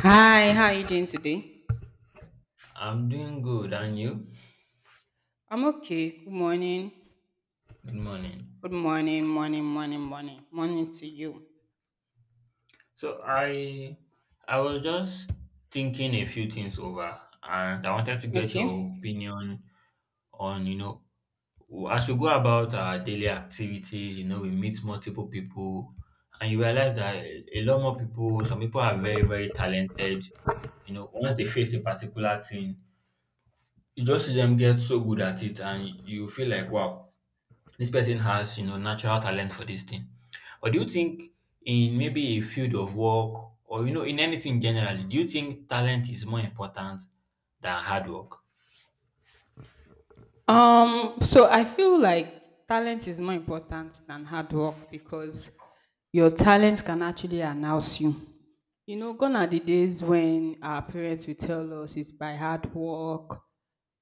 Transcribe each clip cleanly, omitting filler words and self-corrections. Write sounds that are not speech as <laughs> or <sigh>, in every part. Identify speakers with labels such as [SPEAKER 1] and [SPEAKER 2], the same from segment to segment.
[SPEAKER 1] Hi, how are you doing today?
[SPEAKER 2] I'm doing good, and you?
[SPEAKER 1] I'm okay. Good morning.
[SPEAKER 2] Good morning.
[SPEAKER 1] Good morning, morning, morning, morning. Morning to you.
[SPEAKER 2] So I was just thinking a few things over, and I wanted to get your
[SPEAKER 1] Okay.
[SPEAKER 2] opinion on, as we go about our daily activities, we meet multiple people, and you realize that a lot more people, some people are very, very talented. You know, once they face a particular thing, you just see them get so good at it, and you feel like, wow, this person has, natural talent for this thing. Or do you think in maybe a field of work or in anything generally, do you think talent is more important than hard work?
[SPEAKER 1] So I feel like talent is more important than hard work because your talent can actually announce you. You know, gone are the days when our parents will tell us it's by hard work.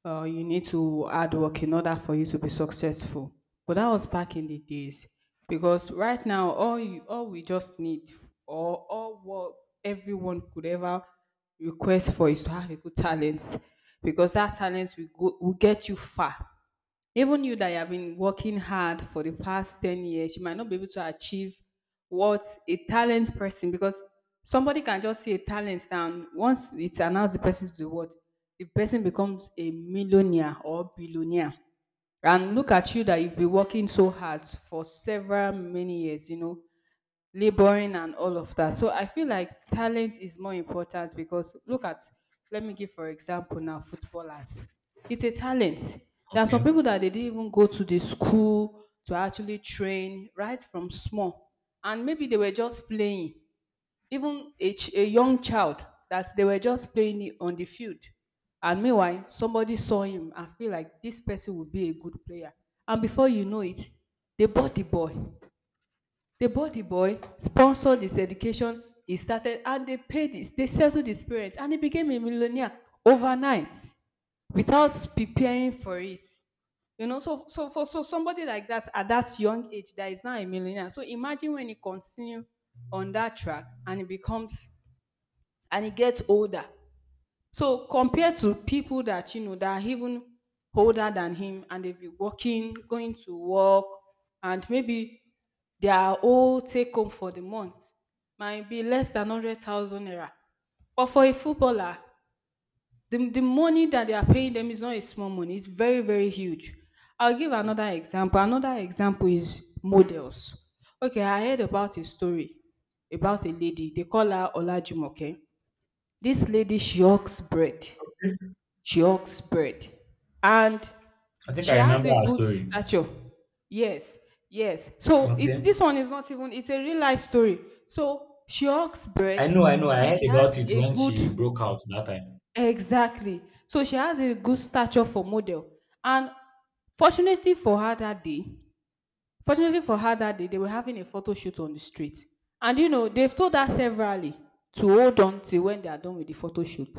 [SPEAKER 1] You need to hard work in order for you to be successful. But that was back in the days because right now all we just need or all what everyone could ever request for is to have a good talent because that talent will get you far. Even you that you have been working hard for the past 10 years, you might not be able to achieve what a talent person, because somebody can just see a talent and once it's announced the person to the world, the person becomes a millionaire or billionaire. And look at you that you've been working so hard for several many years, you know, laboring and all of that. So I feel like talent is more important because look at, let me give for example now footballers. It's a talent. There are some
[SPEAKER 2] Okay.
[SPEAKER 1] people that they didn't even go to the school to actually train right from small, and maybe they were just playing. Even a young child that they were just playing it on the field. And meanwhile, somebody saw him and feel like this person would be a good player. And before you know it, they bought the boy. The body boy sponsored his education. He started and they settled his parents and he became a millionaire overnight without preparing for it. You know, so somebody like that at that young age that is now a millionaire. So imagine when he continue on that track and he becomes and he gets older so compared to people that you know that are even older than him and they've been working, going to work, and maybe their whole take home for the month might be less than 100,000 naira. But for a footballer, the money that they are paying them is not a small money, it's very, very huge. I'll give another example. Another example is models. Okay, I heard about a story about a lady. They call her Olajumoke. This lady, she hawks bread. She hawks bread and
[SPEAKER 2] I think I
[SPEAKER 1] she has
[SPEAKER 2] remember
[SPEAKER 1] a
[SPEAKER 2] her
[SPEAKER 1] good
[SPEAKER 2] story.
[SPEAKER 1] stature. Yes, yes. So it's
[SPEAKER 2] Okay.
[SPEAKER 1] this one is not even it's a real life story. So she hawks
[SPEAKER 2] I
[SPEAKER 1] bread
[SPEAKER 2] know, I know. I
[SPEAKER 1] and
[SPEAKER 2] heard
[SPEAKER 1] she
[SPEAKER 2] about
[SPEAKER 1] has
[SPEAKER 2] it
[SPEAKER 1] a
[SPEAKER 2] when
[SPEAKER 1] good
[SPEAKER 2] she broke out that time.
[SPEAKER 1] exactly. So she has a good stature for model. And fortunately for her that day, fortunately for her that day, they were having a photo shoot on the street. And you know, they've told her severally to hold on till when they are done with the photo shoot.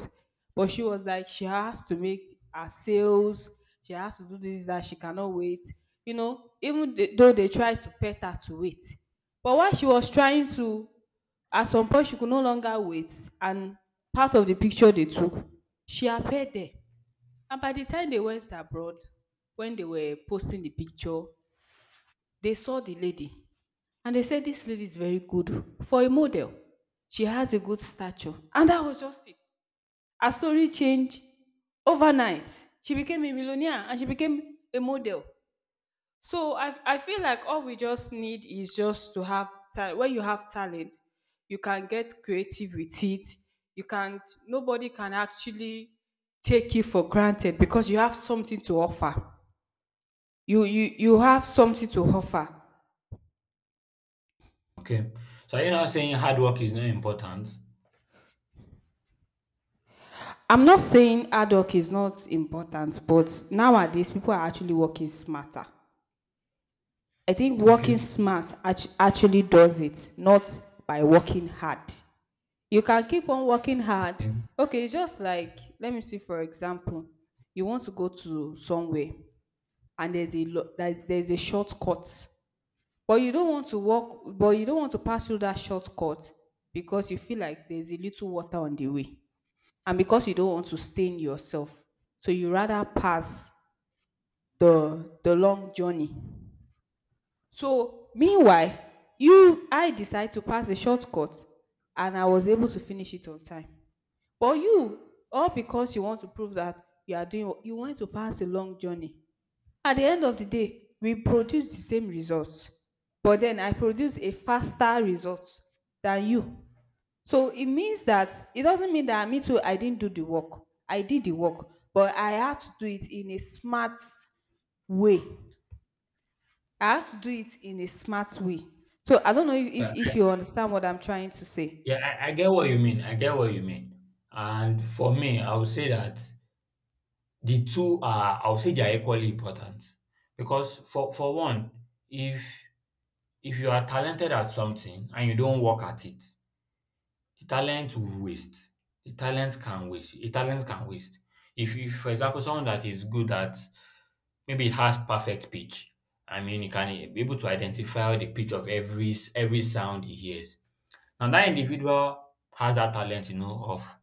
[SPEAKER 1] But she was like, she has to make her sales, she has to do this, that, she cannot wait. You know, even though they tried to pet her to wait. But while she was trying to, at some point, she could no longer wait. And part of the picture they took, she appeared there. And by the time they went abroad, when they were posting the picture, they saw the lady and they said, "This lady is very good for a model. She has a good stature." And that was just it. Her story changed overnight. She became a millionaire and she became a model. So I feel like all we just need is just to have talent. When you have talent, you can get creative with it. You can't, nobody can actually take it for granted because you have something to offer. You have something to offer.
[SPEAKER 2] Okay. So are you now saying hard work is not important?
[SPEAKER 1] I'm not saying hard work is not important, but nowadays people are actually working smarter. I think
[SPEAKER 2] Okay.
[SPEAKER 1] working smart actually does it, not by working hard. You can keep on working hard.
[SPEAKER 2] Okay.
[SPEAKER 1] Okay, it's just like, let me see, for example, you want to go to somewhere and there's a shortcut, but you don't want to pass through that shortcut because you feel like there's a little water on the way and because you don't want to stain yourself, so you rather pass the long journey. So meanwhile, you I decide to pass the shortcut and I was able to finish it on time. But you, all because you want to prove that you are doing you want to pass a long journey, at the end of the day we produce the same results. But then I produce a faster result than you. So it doesn't mean that me too, I didn't do the work. I did the work, but I had to do it in a smart way. I had to do it in a smart way. So I don't know if, if,
[SPEAKER 2] Uh, I,
[SPEAKER 1] if you understand what I'm trying to say.
[SPEAKER 2] yeah, I get what you mean. I get what you mean. And for me, I would say that the two are, I would say they are equally important, because for one, if if you are talented at something and you don't work at it, the talent will waste, the talent can waste. If for example someone that is good at, maybe has perfect pitch, I mean he can be able to identify the pitch of every sound he hears. Now that individual has that talent, you know, of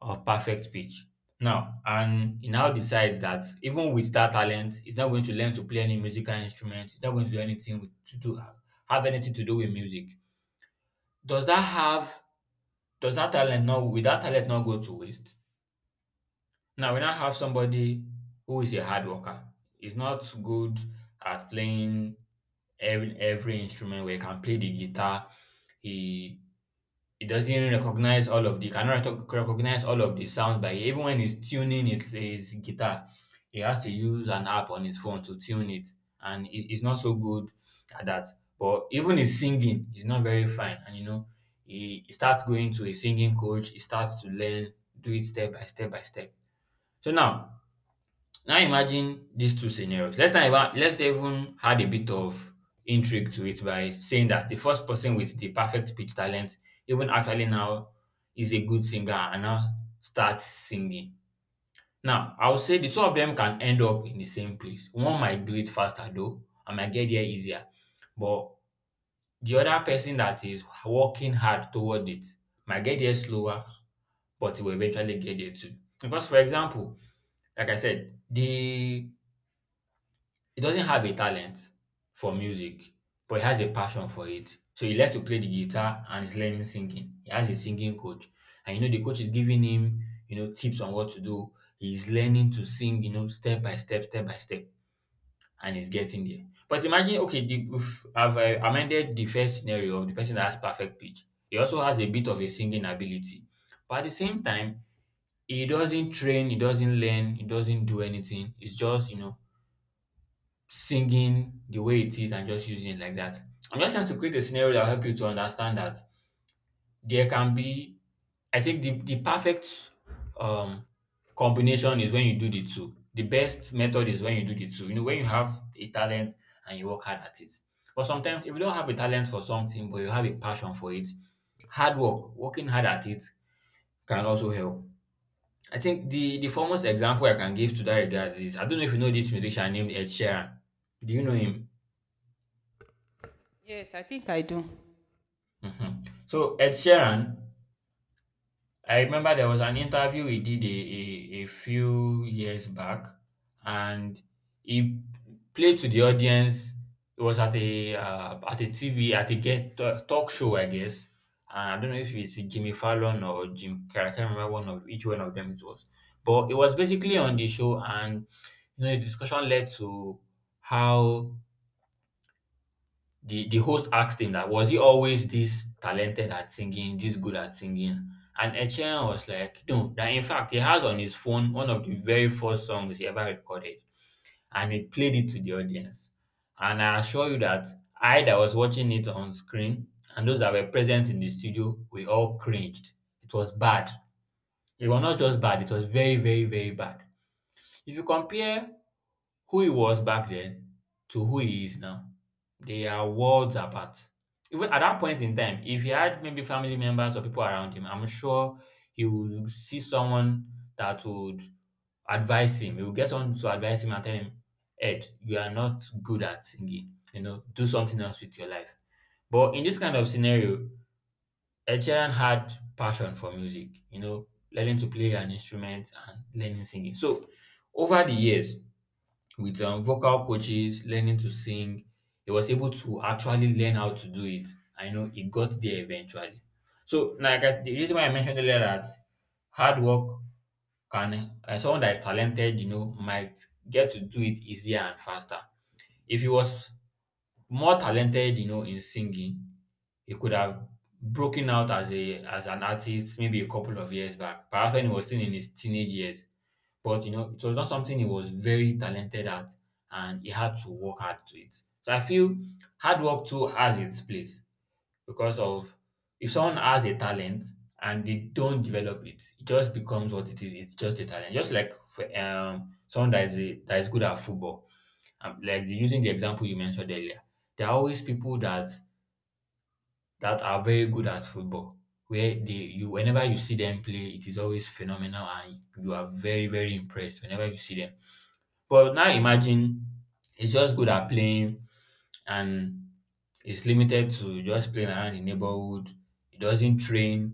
[SPEAKER 2] perfect pitch. Now, and he now decides that even with that talent, he's not going to learn to play any musical instrument. He's not going to do anything with, to do have anything to do with music. Does that have does that talent not, will that talent not go to waste? Now we now have somebody who is a hard worker. He's not good at playing every instrument, where he can play the guitar. He, it doesn't recognize all of the, cannot reto- recognize all of the sounds by ear. Even when he's tuning his guitar, he has to use an app on his phone to tune it, and he's not so good at that. But even his singing is not very fine, and you know, he starts going to a singing coach. He starts to learn, do it step by step by step. So now, now imagine these two scenarios. Let's not even let's even add a bit of intrigue to it by saying that the first person with the perfect pitch talent even actually now is a good singer and now starts singing. Now I would say the two of them can end up in the same place. One might do it faster though, and might get there easier. But the other person that is working hard toward it might get there slower, but will eventually get there too. Because for example, like I said, the he doesn't have a talent for music, but he has a passion for it. So he learned to play the guitar and he's learning singing. He has a singing coach. And you know, the coach is giving him, you know, tips on what to do. He's learning to sing, you know, step by step, and he's getting there. But imagine, okay, if I've amended the first scenario of the person that has perfect pitch. He also has a bit of a singing ability. But at the same time, he doesn't train, he doesn't learn, he doesn't do anything. It's just, you know, singing the way it is and just using it like that. I'm just trying to create a scenario that will help you to understand that there can be, I think the perfect um, combination is when you do the two. The best method is when you do the two. You know, when you have a talent and you work hard at it. But sometimes if you don't have a talent for something, but you have a passion for it, hard work, working hard at it can also help. I think the foremost example I can give to that regard is, I don't know if you know this musician named Ed Sheeran. Do you know him?
[SPEAKER 1] Yes, I think I do.
[SPEAKER 2] Mhm. So Ed Sheeran, I remember there was an interview he did a few years back, and he played to the audience. It was at a TV, at talk show, I guess. And I don't know if it's Jimmy Fallon or Jim Carrey. I can't remember one of each one of them it was, but it was basically on the show, and you know, the discussion led to how the host asked him, that was he always this talented at singing, this good at singing? And Ed Sheeran was like, no, that in fact he has on his phone one of the very first songs he ever recorded, and he played it to the audience. And I assure you that I, that was watching it on screen, and those that were present in the studio, we all cringed. It was bad. It was not just bad, it was very, very, very bad. If you compare who he was back then to who he is now, they are worlds apart. Even at that point in time, if he had maybe family members or people around him, I'm sure he would see someone that would advise him. He would get someone to advise him and tell him, Ed, you are not good at singing. You know, do something else with your life. But in this kind of scenario, Ed Sheeran had passion for music, you know, learning to play an instrument and learning singing. So over the years, with vocal coaches, learning to sing. He was able to actually learn how to do it. I know he got there eventually. So, the reason why I mentioned earlier that hard work can, someone that is talented, you know, might get to do it easier and faster. If he was more talented, you know, in singing, he could have broken out as a as an artist maybe a couple of years back, perhaps when he was still in his teenage years. But you know, it was not something he was very talented at, and he had to work hard to it. So I feel hard work too has its place, because of, if someone has a talent and they don't develop it, it just becomes what it is. It's just a talent. Just like for someone that is that is good at football. Like using the example you mentioned earlier, there are always people that are very good at football, where they you whenever you see them play, it is always phenomenal and you are very, very impressed whenever you see them. But now imagine he's just good at playing, and he's limited to just playing around the neighborhood. He doesn't train.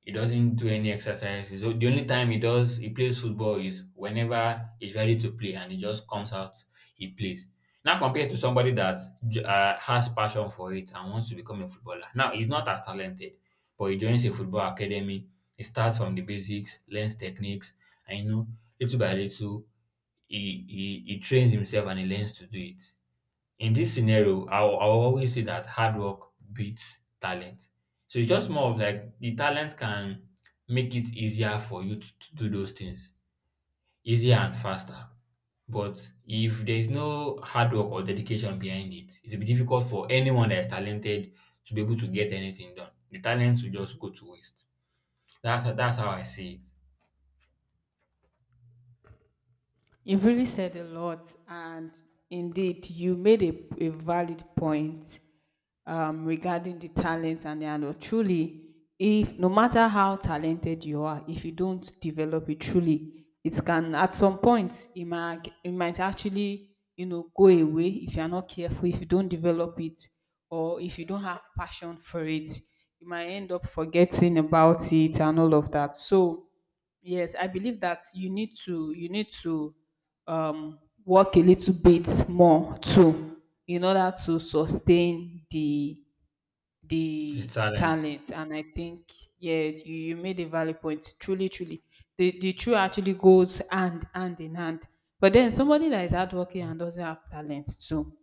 [SPEAKER 2] He doesn't do any exercises. So the only time he plays football is whenever he's ready to play, and he just comes out, he plays. Now compared to somebody that has passion for it and wants to become a footballer. Now he's not as talented, but he joins a football academy. He starts from the basics, learns techniques, and you know, little by little he trains himself and he learns to do it. In this scenario, I'll always say that hard work beats talent. So it's just more of like the talent can make it easier for you to do those things, easier and faster. But if there's no hard work or dedication behind it, it will be difficult for anyone that is talented to be able to get anything done. The talent will just go to waste. That's how I see it.
[SPEAKER 1] You've really said a lot, and indeed, you made a valid point regarding the talent and the handle. Truly, if no matter how talented you are, if you don't develop it truly, it can at some point it might actually, you know, go away if you are not careful. If you don't develop it, or if you don't have passion for it, you might end up forgetting about it and all of that. So yes, I believe that you need to, um, work a little bit more too in order to sustain the
[SPEAKER 2] The
[SPEAKER 1] the
[SPEAKER 2] talent.
[SPEAKER 1] talent. And I think, yeah, you made a valid point. Truly, truly the two actually goes hand in hand. But then somebody that is hardworking and doesn't have talent too,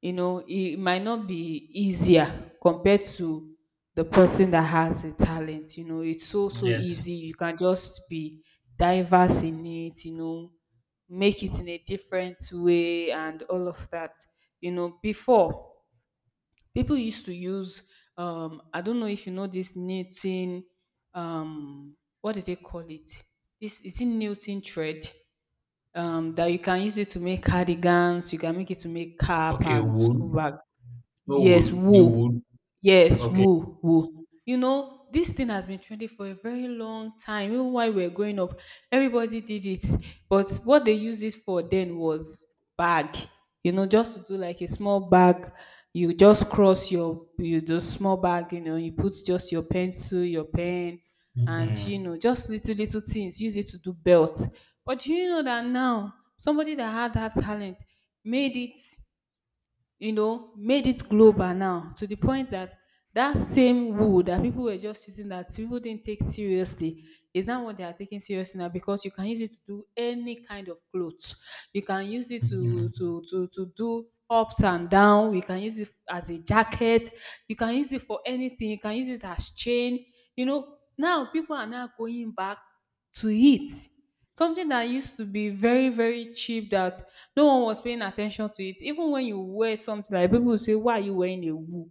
[SPEAKER 1] you know, it might not be easier compared to the person that has a talent. You know, it's so
[SPEAKER 2] Yes.
[SPEAKER 1] easy. You can just be diverse in it, you know, make it in a different way and all of that. You know, before people used to use, I don't know if you know this knitting, what do they call it, this is it knitting thread, that you can use it to make cardigans. You can make it to make cap
[SPEAKER 2] Okay,
[SPEAKER 1] and school
[SPEAKER 2] wool.
[SPEAKER 1] bag.
[SPEAKER 2] No wool.
[SPEAKER 1] Yes,
[SPEAKER 2] The
[SPEAKER 1] woo.
[SPEAKER 2] wool.
[SPEAKER 1] Yes,
[SPEAKER 2] Okay.
[SPEAKER 1] woo, woo. You know, this thing has been trending for a very long time. Even while we were growing up, everybody did it. But what they used it for then was bag. You know, just to do like a small bag. You just cross you do small bag, you know, you put just your pencil, your pen, and you
[SPEAKER 2] Mhm.
[SPEAKER 1] know, just little things. Use it to do belt. But do you know that now somebody that had that talent made it, you know, made it global now to the point that that same wood that people were just using, that people didn't take seriously, is now what they are taking seriously now because you can use it to do any kind of clothes. You can use it to
[SPEAKER 2] Mhm.
[SPEAKER 1] do ups and down. You can use it as a jacket. You can use it for anything. You can use it as chain. You know, now people are now going back to it. Something that used to be very very cheap, that no one was paying attention to it. Even when you wear something, like people will say, "Why are you wearing a wool?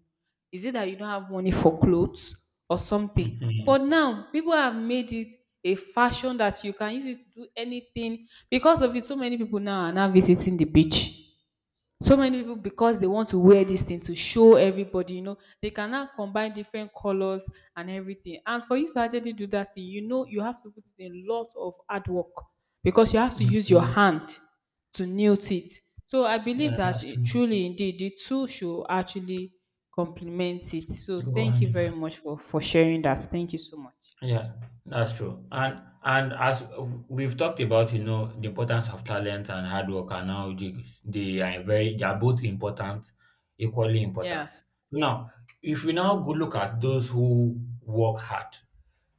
[SPEAKER 1] Is it that you don't have money for clothes or something?"
[SPEAKER 2] Mhm.
[SPEAKER 1] But now people have made it a fashion that you can use it to do anything. Because of it, so many people now are now visiting the beach. So many people, because they want to wear this thing to show everybody, you know, they can now combine different colors and everything. And for you to actually do that thing, you know, you have to put in a lot of hard work because you have to use your
[SPEAKER 2] Mhm.
[SPEAKER 1] hand to knit it. So I
[SPEAKER 2] Yeah,
[SPEAKER 1] believe that,
[SPEAKER 2] that's
[SPEAKER 1] it,
[SPEAKER 2] true.
[SPEAKER 1] truly, indeed, the two should actually complement it. So
[SPEAKER 2] They go
[SPEAKER 1] thank
[SPEAKER 2] hand
[SPEAKER 1] you
[SPEAKER 2] in.
[SPEAKER 1] very much for sharing that. Thank you so much.
[SPEAKER 2] Yeah, that's true. And as we've talked about, you know, the importance of talent and hard work, and how they are very they are both important, equally
[SPEAKER 1] Yeah.
[SPEAKER 2] important. Now, if we now go look at those who work hard,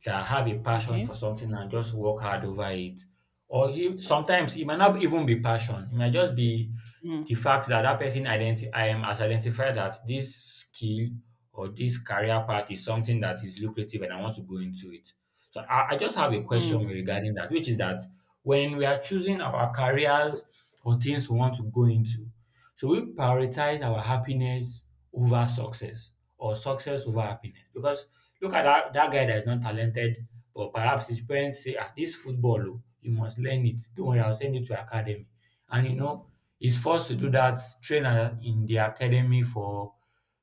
[SPEAKER 2] that have a passion for
[SPEAKER 1] Okay.
[SPEAKER 2] something and just work hard over it, or sometimes it might not even be passion. It might just be
[SPEAKER 1] Mm.
[SPEAKER 2] the fact that that person, identi- I am has identified that this skill or this career path is something that is lucrative and I want to go into it. So I just have a question
[SPEAKER 1] Mm.
[SPEAKER 2] regarding that, which is that when we are choosing our careers or things we want to go into, should we prioritize our happiness over success, or success over happiness? Because look at that, that guy that is not talented, but perhaps his parents say, this football, you must learn it. Don't worry, I'll send you to academy. And you know, he's forced to do that, train in the academy for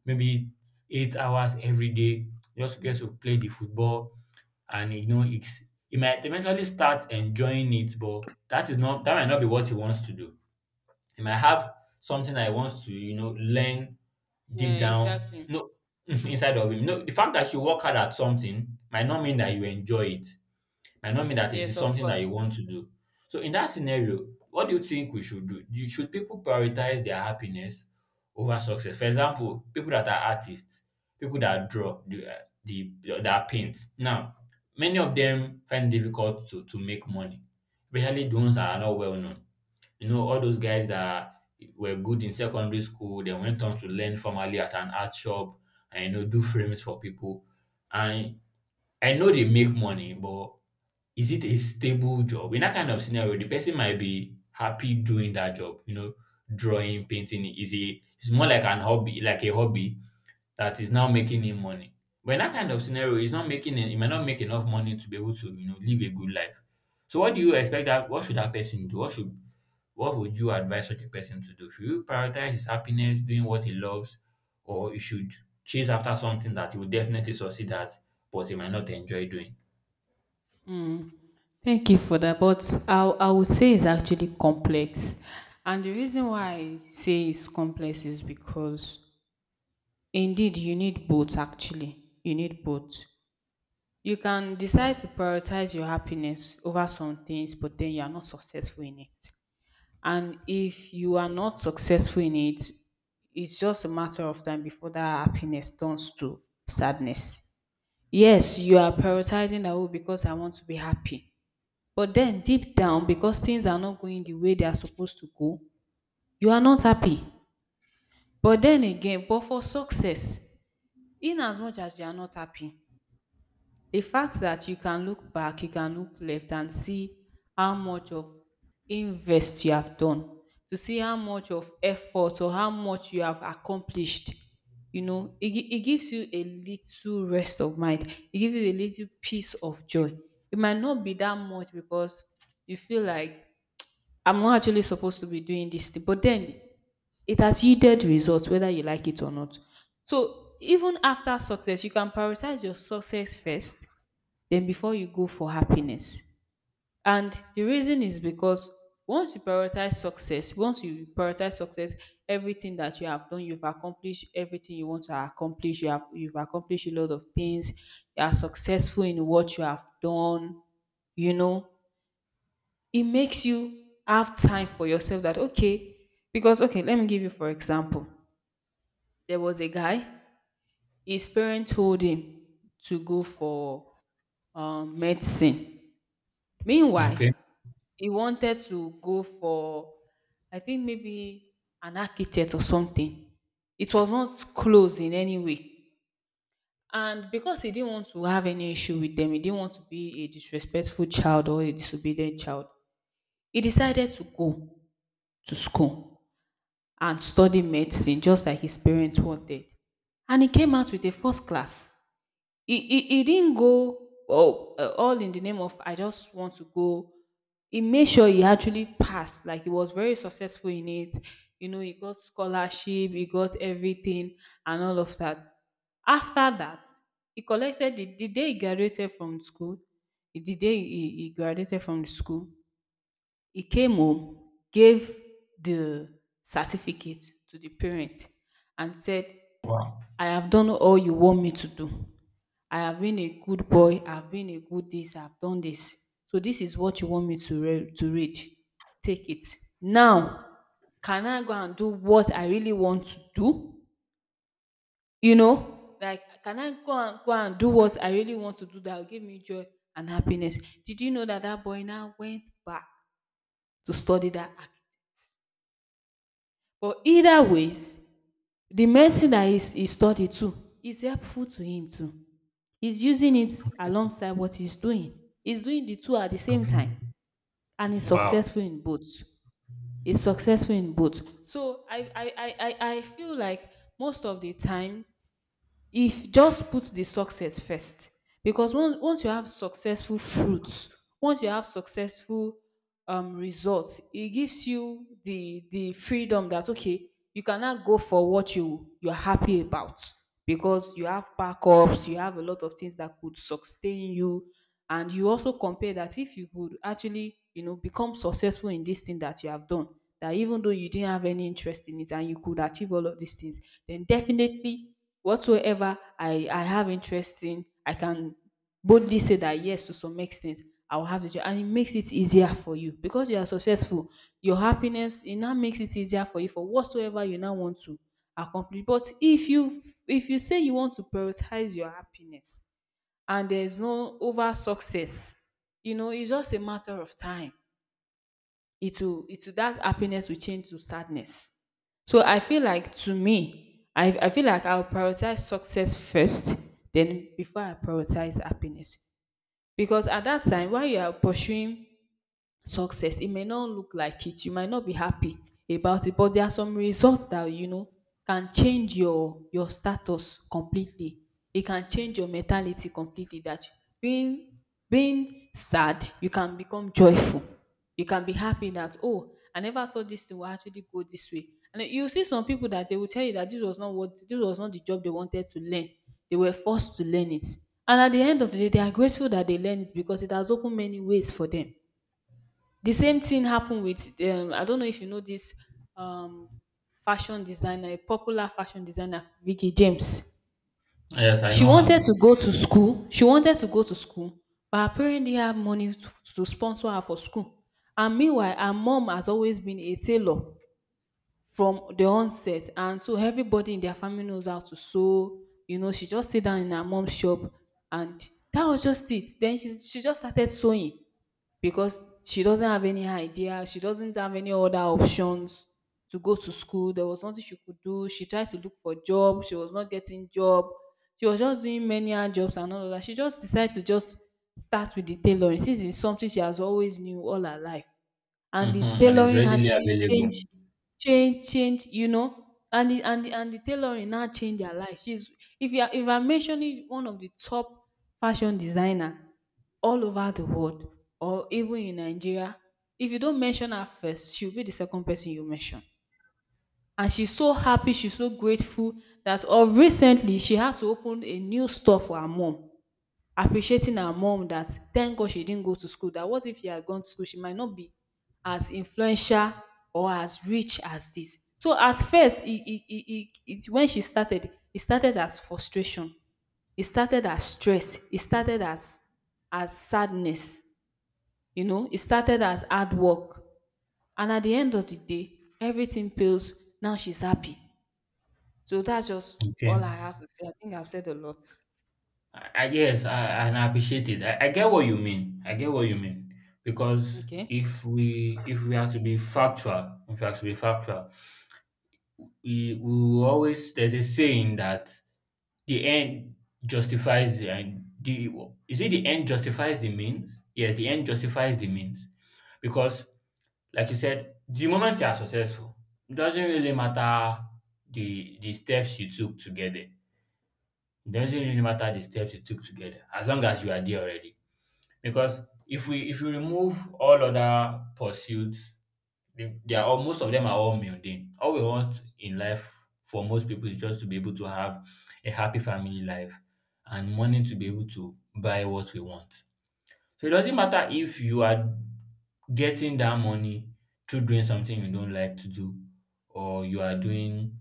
[SPEAKER 2] maybe 8 hours every day, just gets to play the football. And you know it's he might eventually start enjoying it, but that might not be what he wants to do. He might have something that he wants to learn, deep
[SPEAKER 1] Yeah.
[SPEAKER 2] down
[SPEAKER 1] Exactly.
[SPEAKER 2] no <laughs> inside of him. No the fact that you work hard at something might not mean that you enjoy it, might not mean that it
[SPEAKER 1] Yes.
[SPEAKER 2] is
[SPEAKER 1] Of
[SPEAKER 2] something that
[SPEAKER 1] course.
[SPEAKER 2] you want to do. So in that scenario, what do you think we should do? Should people prioritize their happiness over success? For example, people that are artists, people that draw, the that paint. Now, many of them find it difficult to make money, especially the ones that are not well known. You know, all those guys that were good in secondary school, they went on to learn formally at an art shop and do frames for people. And I know they make money, but is it a stable job? In that kind of scenario, the person might be happy doing that job, you know, drawing, painting is a it's more like an hobby, like a hobby that is now making him money. But in that kind of scenario, he might not make enough money to be able to, you know, live a good life. So what do you expect that what should that person do? What should what would you advise such a person to do? Should you prioritize his happiness, doing what he loves, or he should chase after something that he will definitely succeed at, but he might not enjoy doing?
[SPEAKER 1] Mm, thank you for that. But I would say it's actually complex. And the reason why I say it's complex is because indeed you need both, actually. You need both. You can decide to prioritize your happiness over some things, but then you are not successful in it. And if you are not successful in it, it's just a matter of time before that happiness turns to sadness. Yes, you are prioritizing that oh, because I want to be happy, but then deep down, because things are not going the way they are supposed to go, you are not happy. But then again, but for success, in as much as you are not happy, the fact that you can look back, you can look left and see how much of invest you have done, to see how much of effort or how much you have accomplished, it gives you a little rest of mind. It gives you a little peace of joy. It might not be that much because you feel like I'm not actually supposed to be doing this thing. But then it has yielded results, whether you like it or not. So even after success, you can prioritize your success first, then before you go for happiness. And the reason is because once you prioritize success, everything that you have done, you've accomplished everything you want to accomplish. You've accomplished a lot of things. You are successful in what you have done. You know, it makes you have time for yourself that okay, because okay, let me give you for example, there was a guy, his parents told him to go for medicine, meanwhile
[SPEAKER 2] Okay.
[SPEAKER 1] he wanted to go for I think maybe an architect or something. It was not close in any way, and because he didn't want to have any issue with them, he didn't want to be a disrespectful child or a disobedient child, he decided to go to school and study medicine just like his parents wanted, and he came out with a first class. He didn't go oh, all in the name of I just want to go. He made sure he actually passed, like he was very successful in it. You know, he got scholarship, he got everything and all of that. After that, he collected the day he graduated from school, the day he graduated from the school, he came home, gave the certificate to the parent and said, "I have done all you want me to do. I have been a good boy. I've been a good this. I've done this. So this is what you want me to read. Take it. Now, can I go and do what I really want to do? You know, like can I go and do what I really want to do that will give me joy and happiness?" Did you know that that boy now went back to study that? But either ways, the medicine that he studied too is helpful to him too. He's using it alongside what he's doing. He's doing the two at the same
[SPEAKER 2] Okay.
[SPEAKER 1] time and he's
[SPEAKER 2] Wow.
[SPEAKER 1] successful in both. He's successful in both. So I feel like most of the time if just put the success first. Because once you have successful fruits, once you have successful results, it gives you the freedom that okay you cannot go for what you're happy about because you have backups, you have a lot of things that could sustain you. And you also compare that if you would actually, you know, become successful in this thing that you have done, that even though you didn't have any interest in it and you could achieve all of these things, then definitely whatsoever I have interest in, I can boldly say that yes, to some extent, I will have the job, and it makes it easier for you because you are successful. Your happiness, it now makes it easier for you for whatsoever you now want to accomplish. But if you, if you say you want to prioritize your happiness and there's no over success, you know, it's just a matter of time, it will that happiness will change to sadness. So I feel like to me, I feel like I'll prioritize success first, then before I prioritize happiness. Because at that time while you are pursuing success, it may not look like it, you might not be happy about it, but there are some results that you know can change your status completely. It can change your mentality completely. That being being sad, you can become joyful. You can be happy that oh, I never thought this thing will actually go this way. And you see some people that they will tell you that this was not what this was not the job they wanted to learn. They were forced to learn it. And at the end of the day, they are grateful that they learned it because it has opened many ways for them. The same thing happened with I don't know if you know this um, fashion designer, a popular fashion designer, Vicky James.
[SPEAKER 2] Yes, I know her.
[SPEAKER 1] She wanted to go to school, but her parents didn't have money to sponsor her for school. And meanwhile, her mom has always been a tailor from the onset, and so everybody in their family knows how to sew. You know, she just sit down in her mom's shop, and that was just it. Then she just started sewing because she doesn't have any idea. She doesn't have any other options to go to school. There was nothing she could do. She tried to look for job. She was not getting job. She was just doing many hand jobs and all of that. She just decided to just start with the tailoring since it's something she has always knew all her life. And
[SPEAKER 2] Hmm.
[SPEAKER 1] the
[SPEAKER 2] And it's
[SPEAKER 1] tailoring
[SPEAKER 2] readily
[SPEAKER 1] actually
[SPEAKER 2] available.
[SPEAKER 1] changed, change, you know, and the and the and the tailoring now change her life. She's, if you are, if I'm mentioning one of the top fashion designer all over the world or even in Nigeria, if you don't mention her first, she'll be the second person you mention. And she's so happy, she's so grateful that of recently she had to open a new store for her mom, appreciating her mom that thank God she didn't go to school. That what if she had gone to school, she might not be as influential or as rich as this. So at first, when she started, it started as frustration. It started as stress. It started as sadness. You know, it started as hard work. And at the end of the day, everything pales. Now she's happy. So that's just all
[SPEAKER 2] Okay.
[SPEAKER 1] I have to say. I think I've said a lot.
[SPEAKER 2] I yes, and I appreciate it. I get what you mean. I get what you mean. Because
[SPEAKER 1] Okay.
[SPEAKER 2] if we are to be factual, if we are to be factual, we will always there's a saying that the end justifies the end. Is it the end justifies the means? Yes, the end justifies the means. Because like you said, the moment you are successful, it doesn't really matter the steps you took to get there. It doesn't really matter the steps you took to get there, as long as you are there already. Because if you remove all other pursuits, they are all most of them are all mundane. All we want in life for most people is just to be able to have a happy family life and money to be able to buy what we want. So it doesn't matter if you are getting that money through doing something you don't like to do, or you are doing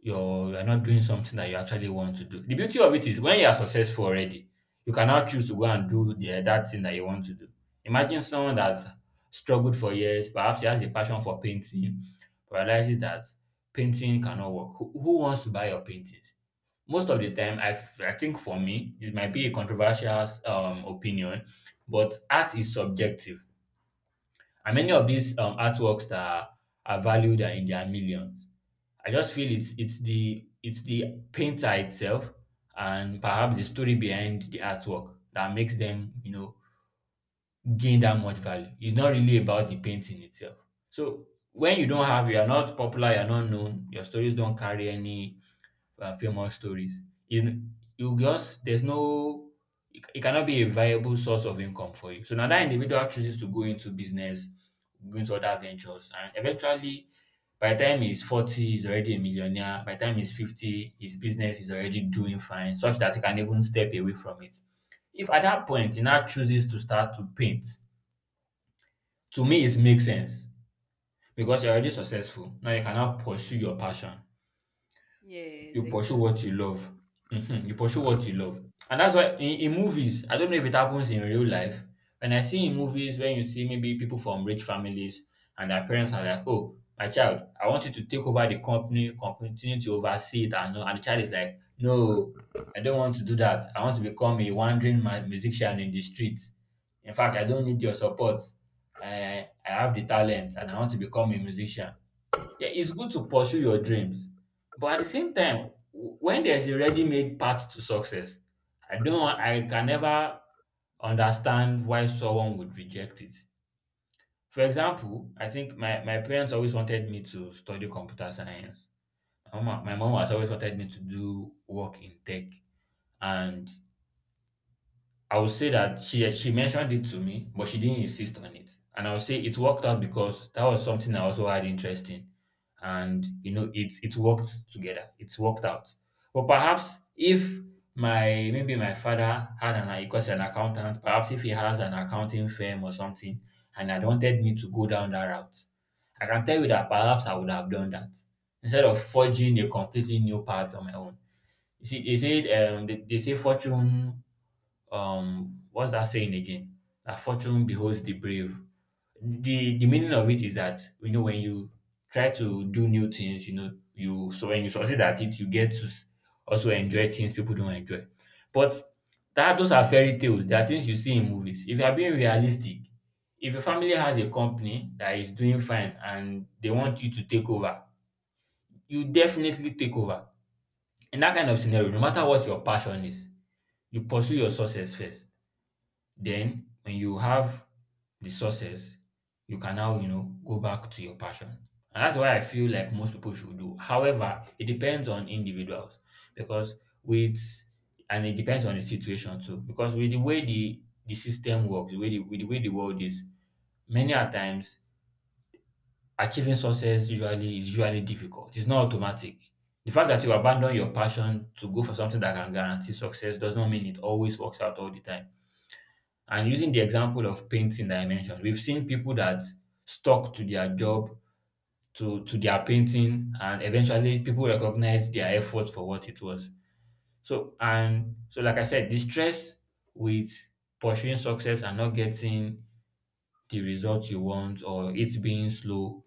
[SPEAKER 2] you are not doing something that you actually want to do. The beauty of it is when you are successful already, you can now choose to go and do the that thing that you want to do. Imagine someone that struggled for years, perhaps he has a passion for painting, but realizes that painting cannot work. Who wants to buy your paintings? Most of the time I, f- I think for me it might be a controversial opinion, but art is subjective, and many of these artworks that are valued are in their millions. I just feel it's the painter itself, and perhaps the story behind the artwork that makes them, you know, gain that much value. It's not really about the painting itself. So when you don't have you're not popular, you're not known, your stories don't carry any famous stories. You, you just there's no, it cannot be a viable source of income for you. So now that individual chooses to go into business, go into other ventures, and eventually by the time he's 40, he's already a millionaire. By the time he's 50, his business is already doing fine, such that he can even step away from it. If at that point he now chooses to start to paint, to me it makes sense because you're already successful. Now you cannot pursue your passion.
[SPEAKER 1] Yes,
[SPEAKER 2] You pursue what you
[SPEAKER 1] exactly.
[SPEAKER 2] love. Mhm. You pursue what you love. And that's why in movies, I don't know if it happens in real life. When I see in movies, when you see maybe people from rich families and their parents are like, "Oh, my child, I want you to take over the company, continue to oversee it. And, all." And the child is like, "No, I don't want to do that. I want to become a wandering musician in the streets. In fact, I don't need your support. I have the talent and I want to become a musician." Yeah, it's good to pursue your dreams, but at the same time, when there's a ready-made path to success, I can never understand why someone would reject it. For example, I think my parents always wanted me to study computer science. My mom has always wanted me to do work in tech, and I would say that she mentioned it to me, but she didn't insist on it. And I would say it worked out because that was something I also had interest in. And you know, it worked together. It's worked out. But perhaps if my father had an because an accountant, perhaps if he has an accounting firm or something and had wanted me to go down that route, I can tell you that perhaps I would have done that instead of forging a completely new path on my own. You see, they say fortune, what's that saying again? That fortune beholds the brave. The meaning of it is that, you know, when you try to do new things, you know, you so when you succeed at it, you get to also enjoy things people don't enjoy. But that those are fairy tales. They are things you see in movies. If you are being realistic, if your family has a company that is doing fine and they want you to take over, you definitely take over. In that kind of scenario, no matter what your passion is, you pursue your success first. Then when you have the success, you can now, you know, go back to your passion. And that's why I feel like most people should do. However, it depends on individuals because with and it depends on the situation too. Because with the way the system works, with the way the world is, many a times achieving success usually is usually difficult. It's not automatic. The fact that you abandon your passion to go for something that can guarantee success does not mean it always works out all the time. And using the example of painting that I mentioned, we've seen people that stuck to their job, to their painting, and eventually people recognize their effort for what it was. So, and so, like I said, the stress with pursuing success and not getting the result you want, or it being slow,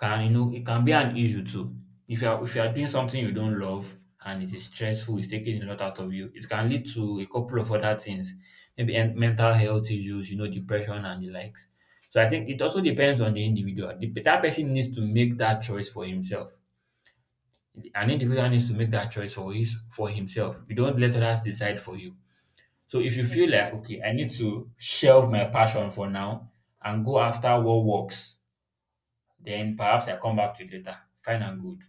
[SPEAKER 2] can, you know, it can be an issue too. If you are doing something you don't love, and it is stressful, it's taking a lot out of you, it can lead to a couple of other things, maybe mental health issues, you know, depression and the likes. So I think it also depends on the individual. That person needs to make that choice for himself. An individual needs to make that choice for his for himself. You don't let others decide for you. So if you feel like, okay,
[SPEAKER 1] Exactly.
[SPEAKER 2] I need to shelve my passion for now and go after what works, then perhaps I come back to it later. Fine and good.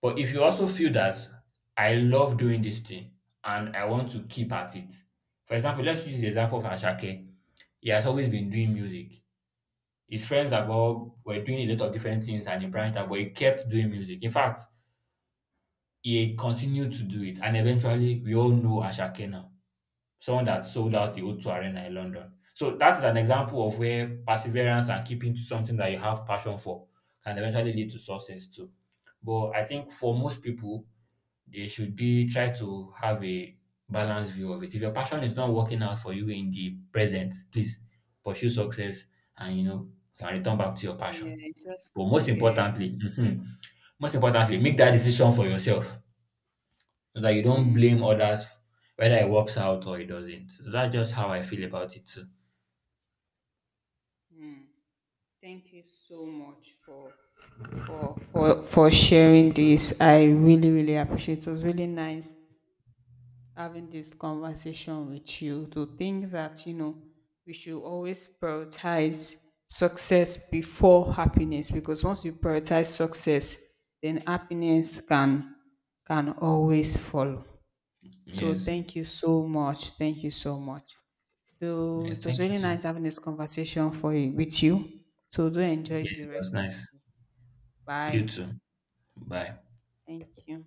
[SPEAKER 2] But if you also feel that I love doing this thing and I want to keep at it, for example, let's use the example of Ashake. He has always been doing music. His friends have all were doing a lot of different things and he branched out, but he kept doing music. In fact, he continued to do it, and eventually we all know Ashake now, someone that sold out
[SPEAKER 1] Yes.
[SPEAKER 2] the O2 Arena in London. So that is an example of where perseverance and keeping to something that you have passion for can eventually lead to success too. But I think for most people, they should be try to have a balanced view of it. If your passion is not working out for you in the present, please pursue success and you know can return back to your passion.
[SPEAKER 1] Yeah, it's just
[SPEAKER 2] But most
[SPEAKER 1] yes.
[SPEAKER 2] importantly, mhm, most importantly, make that decision for yourself so that you don't
[SPEAKER 1] Mm.
[SPEAKER 2] blame others whether it works out or it doesn't. So that's just how I feel about it too.
[SPEAKER 1] Thank you so much for sharing this. I really really appreciate. It was really nice having this conversation with you. To think that you know we should always prioritize success before happiness because once you prioritize success, then happiness can always follow. So
[SPEAKER 2] Yes.
[SPEAKER 1] thank you so much. Thank you so much. So
[SPEAKER 2] Yes,
[SPEAKER 1] it was
[SPEAKER 2] thank you
[SPEAKER 1] really
[SPEAKER 2] too.
[SPEAKER 1] nice having this conversation for you, with you. So do enjoy the
[SPEAKER 2] Yes, it was
[SPEAKER 1] rest of
[SPEAKER 2] nice.
[SPEAKER 1] the day.
[SPEAKER 2] You
[SPEAKER 1] Bye.
[SPEAKER 2] too. Bye.
[SPEAKER 1] Thank you.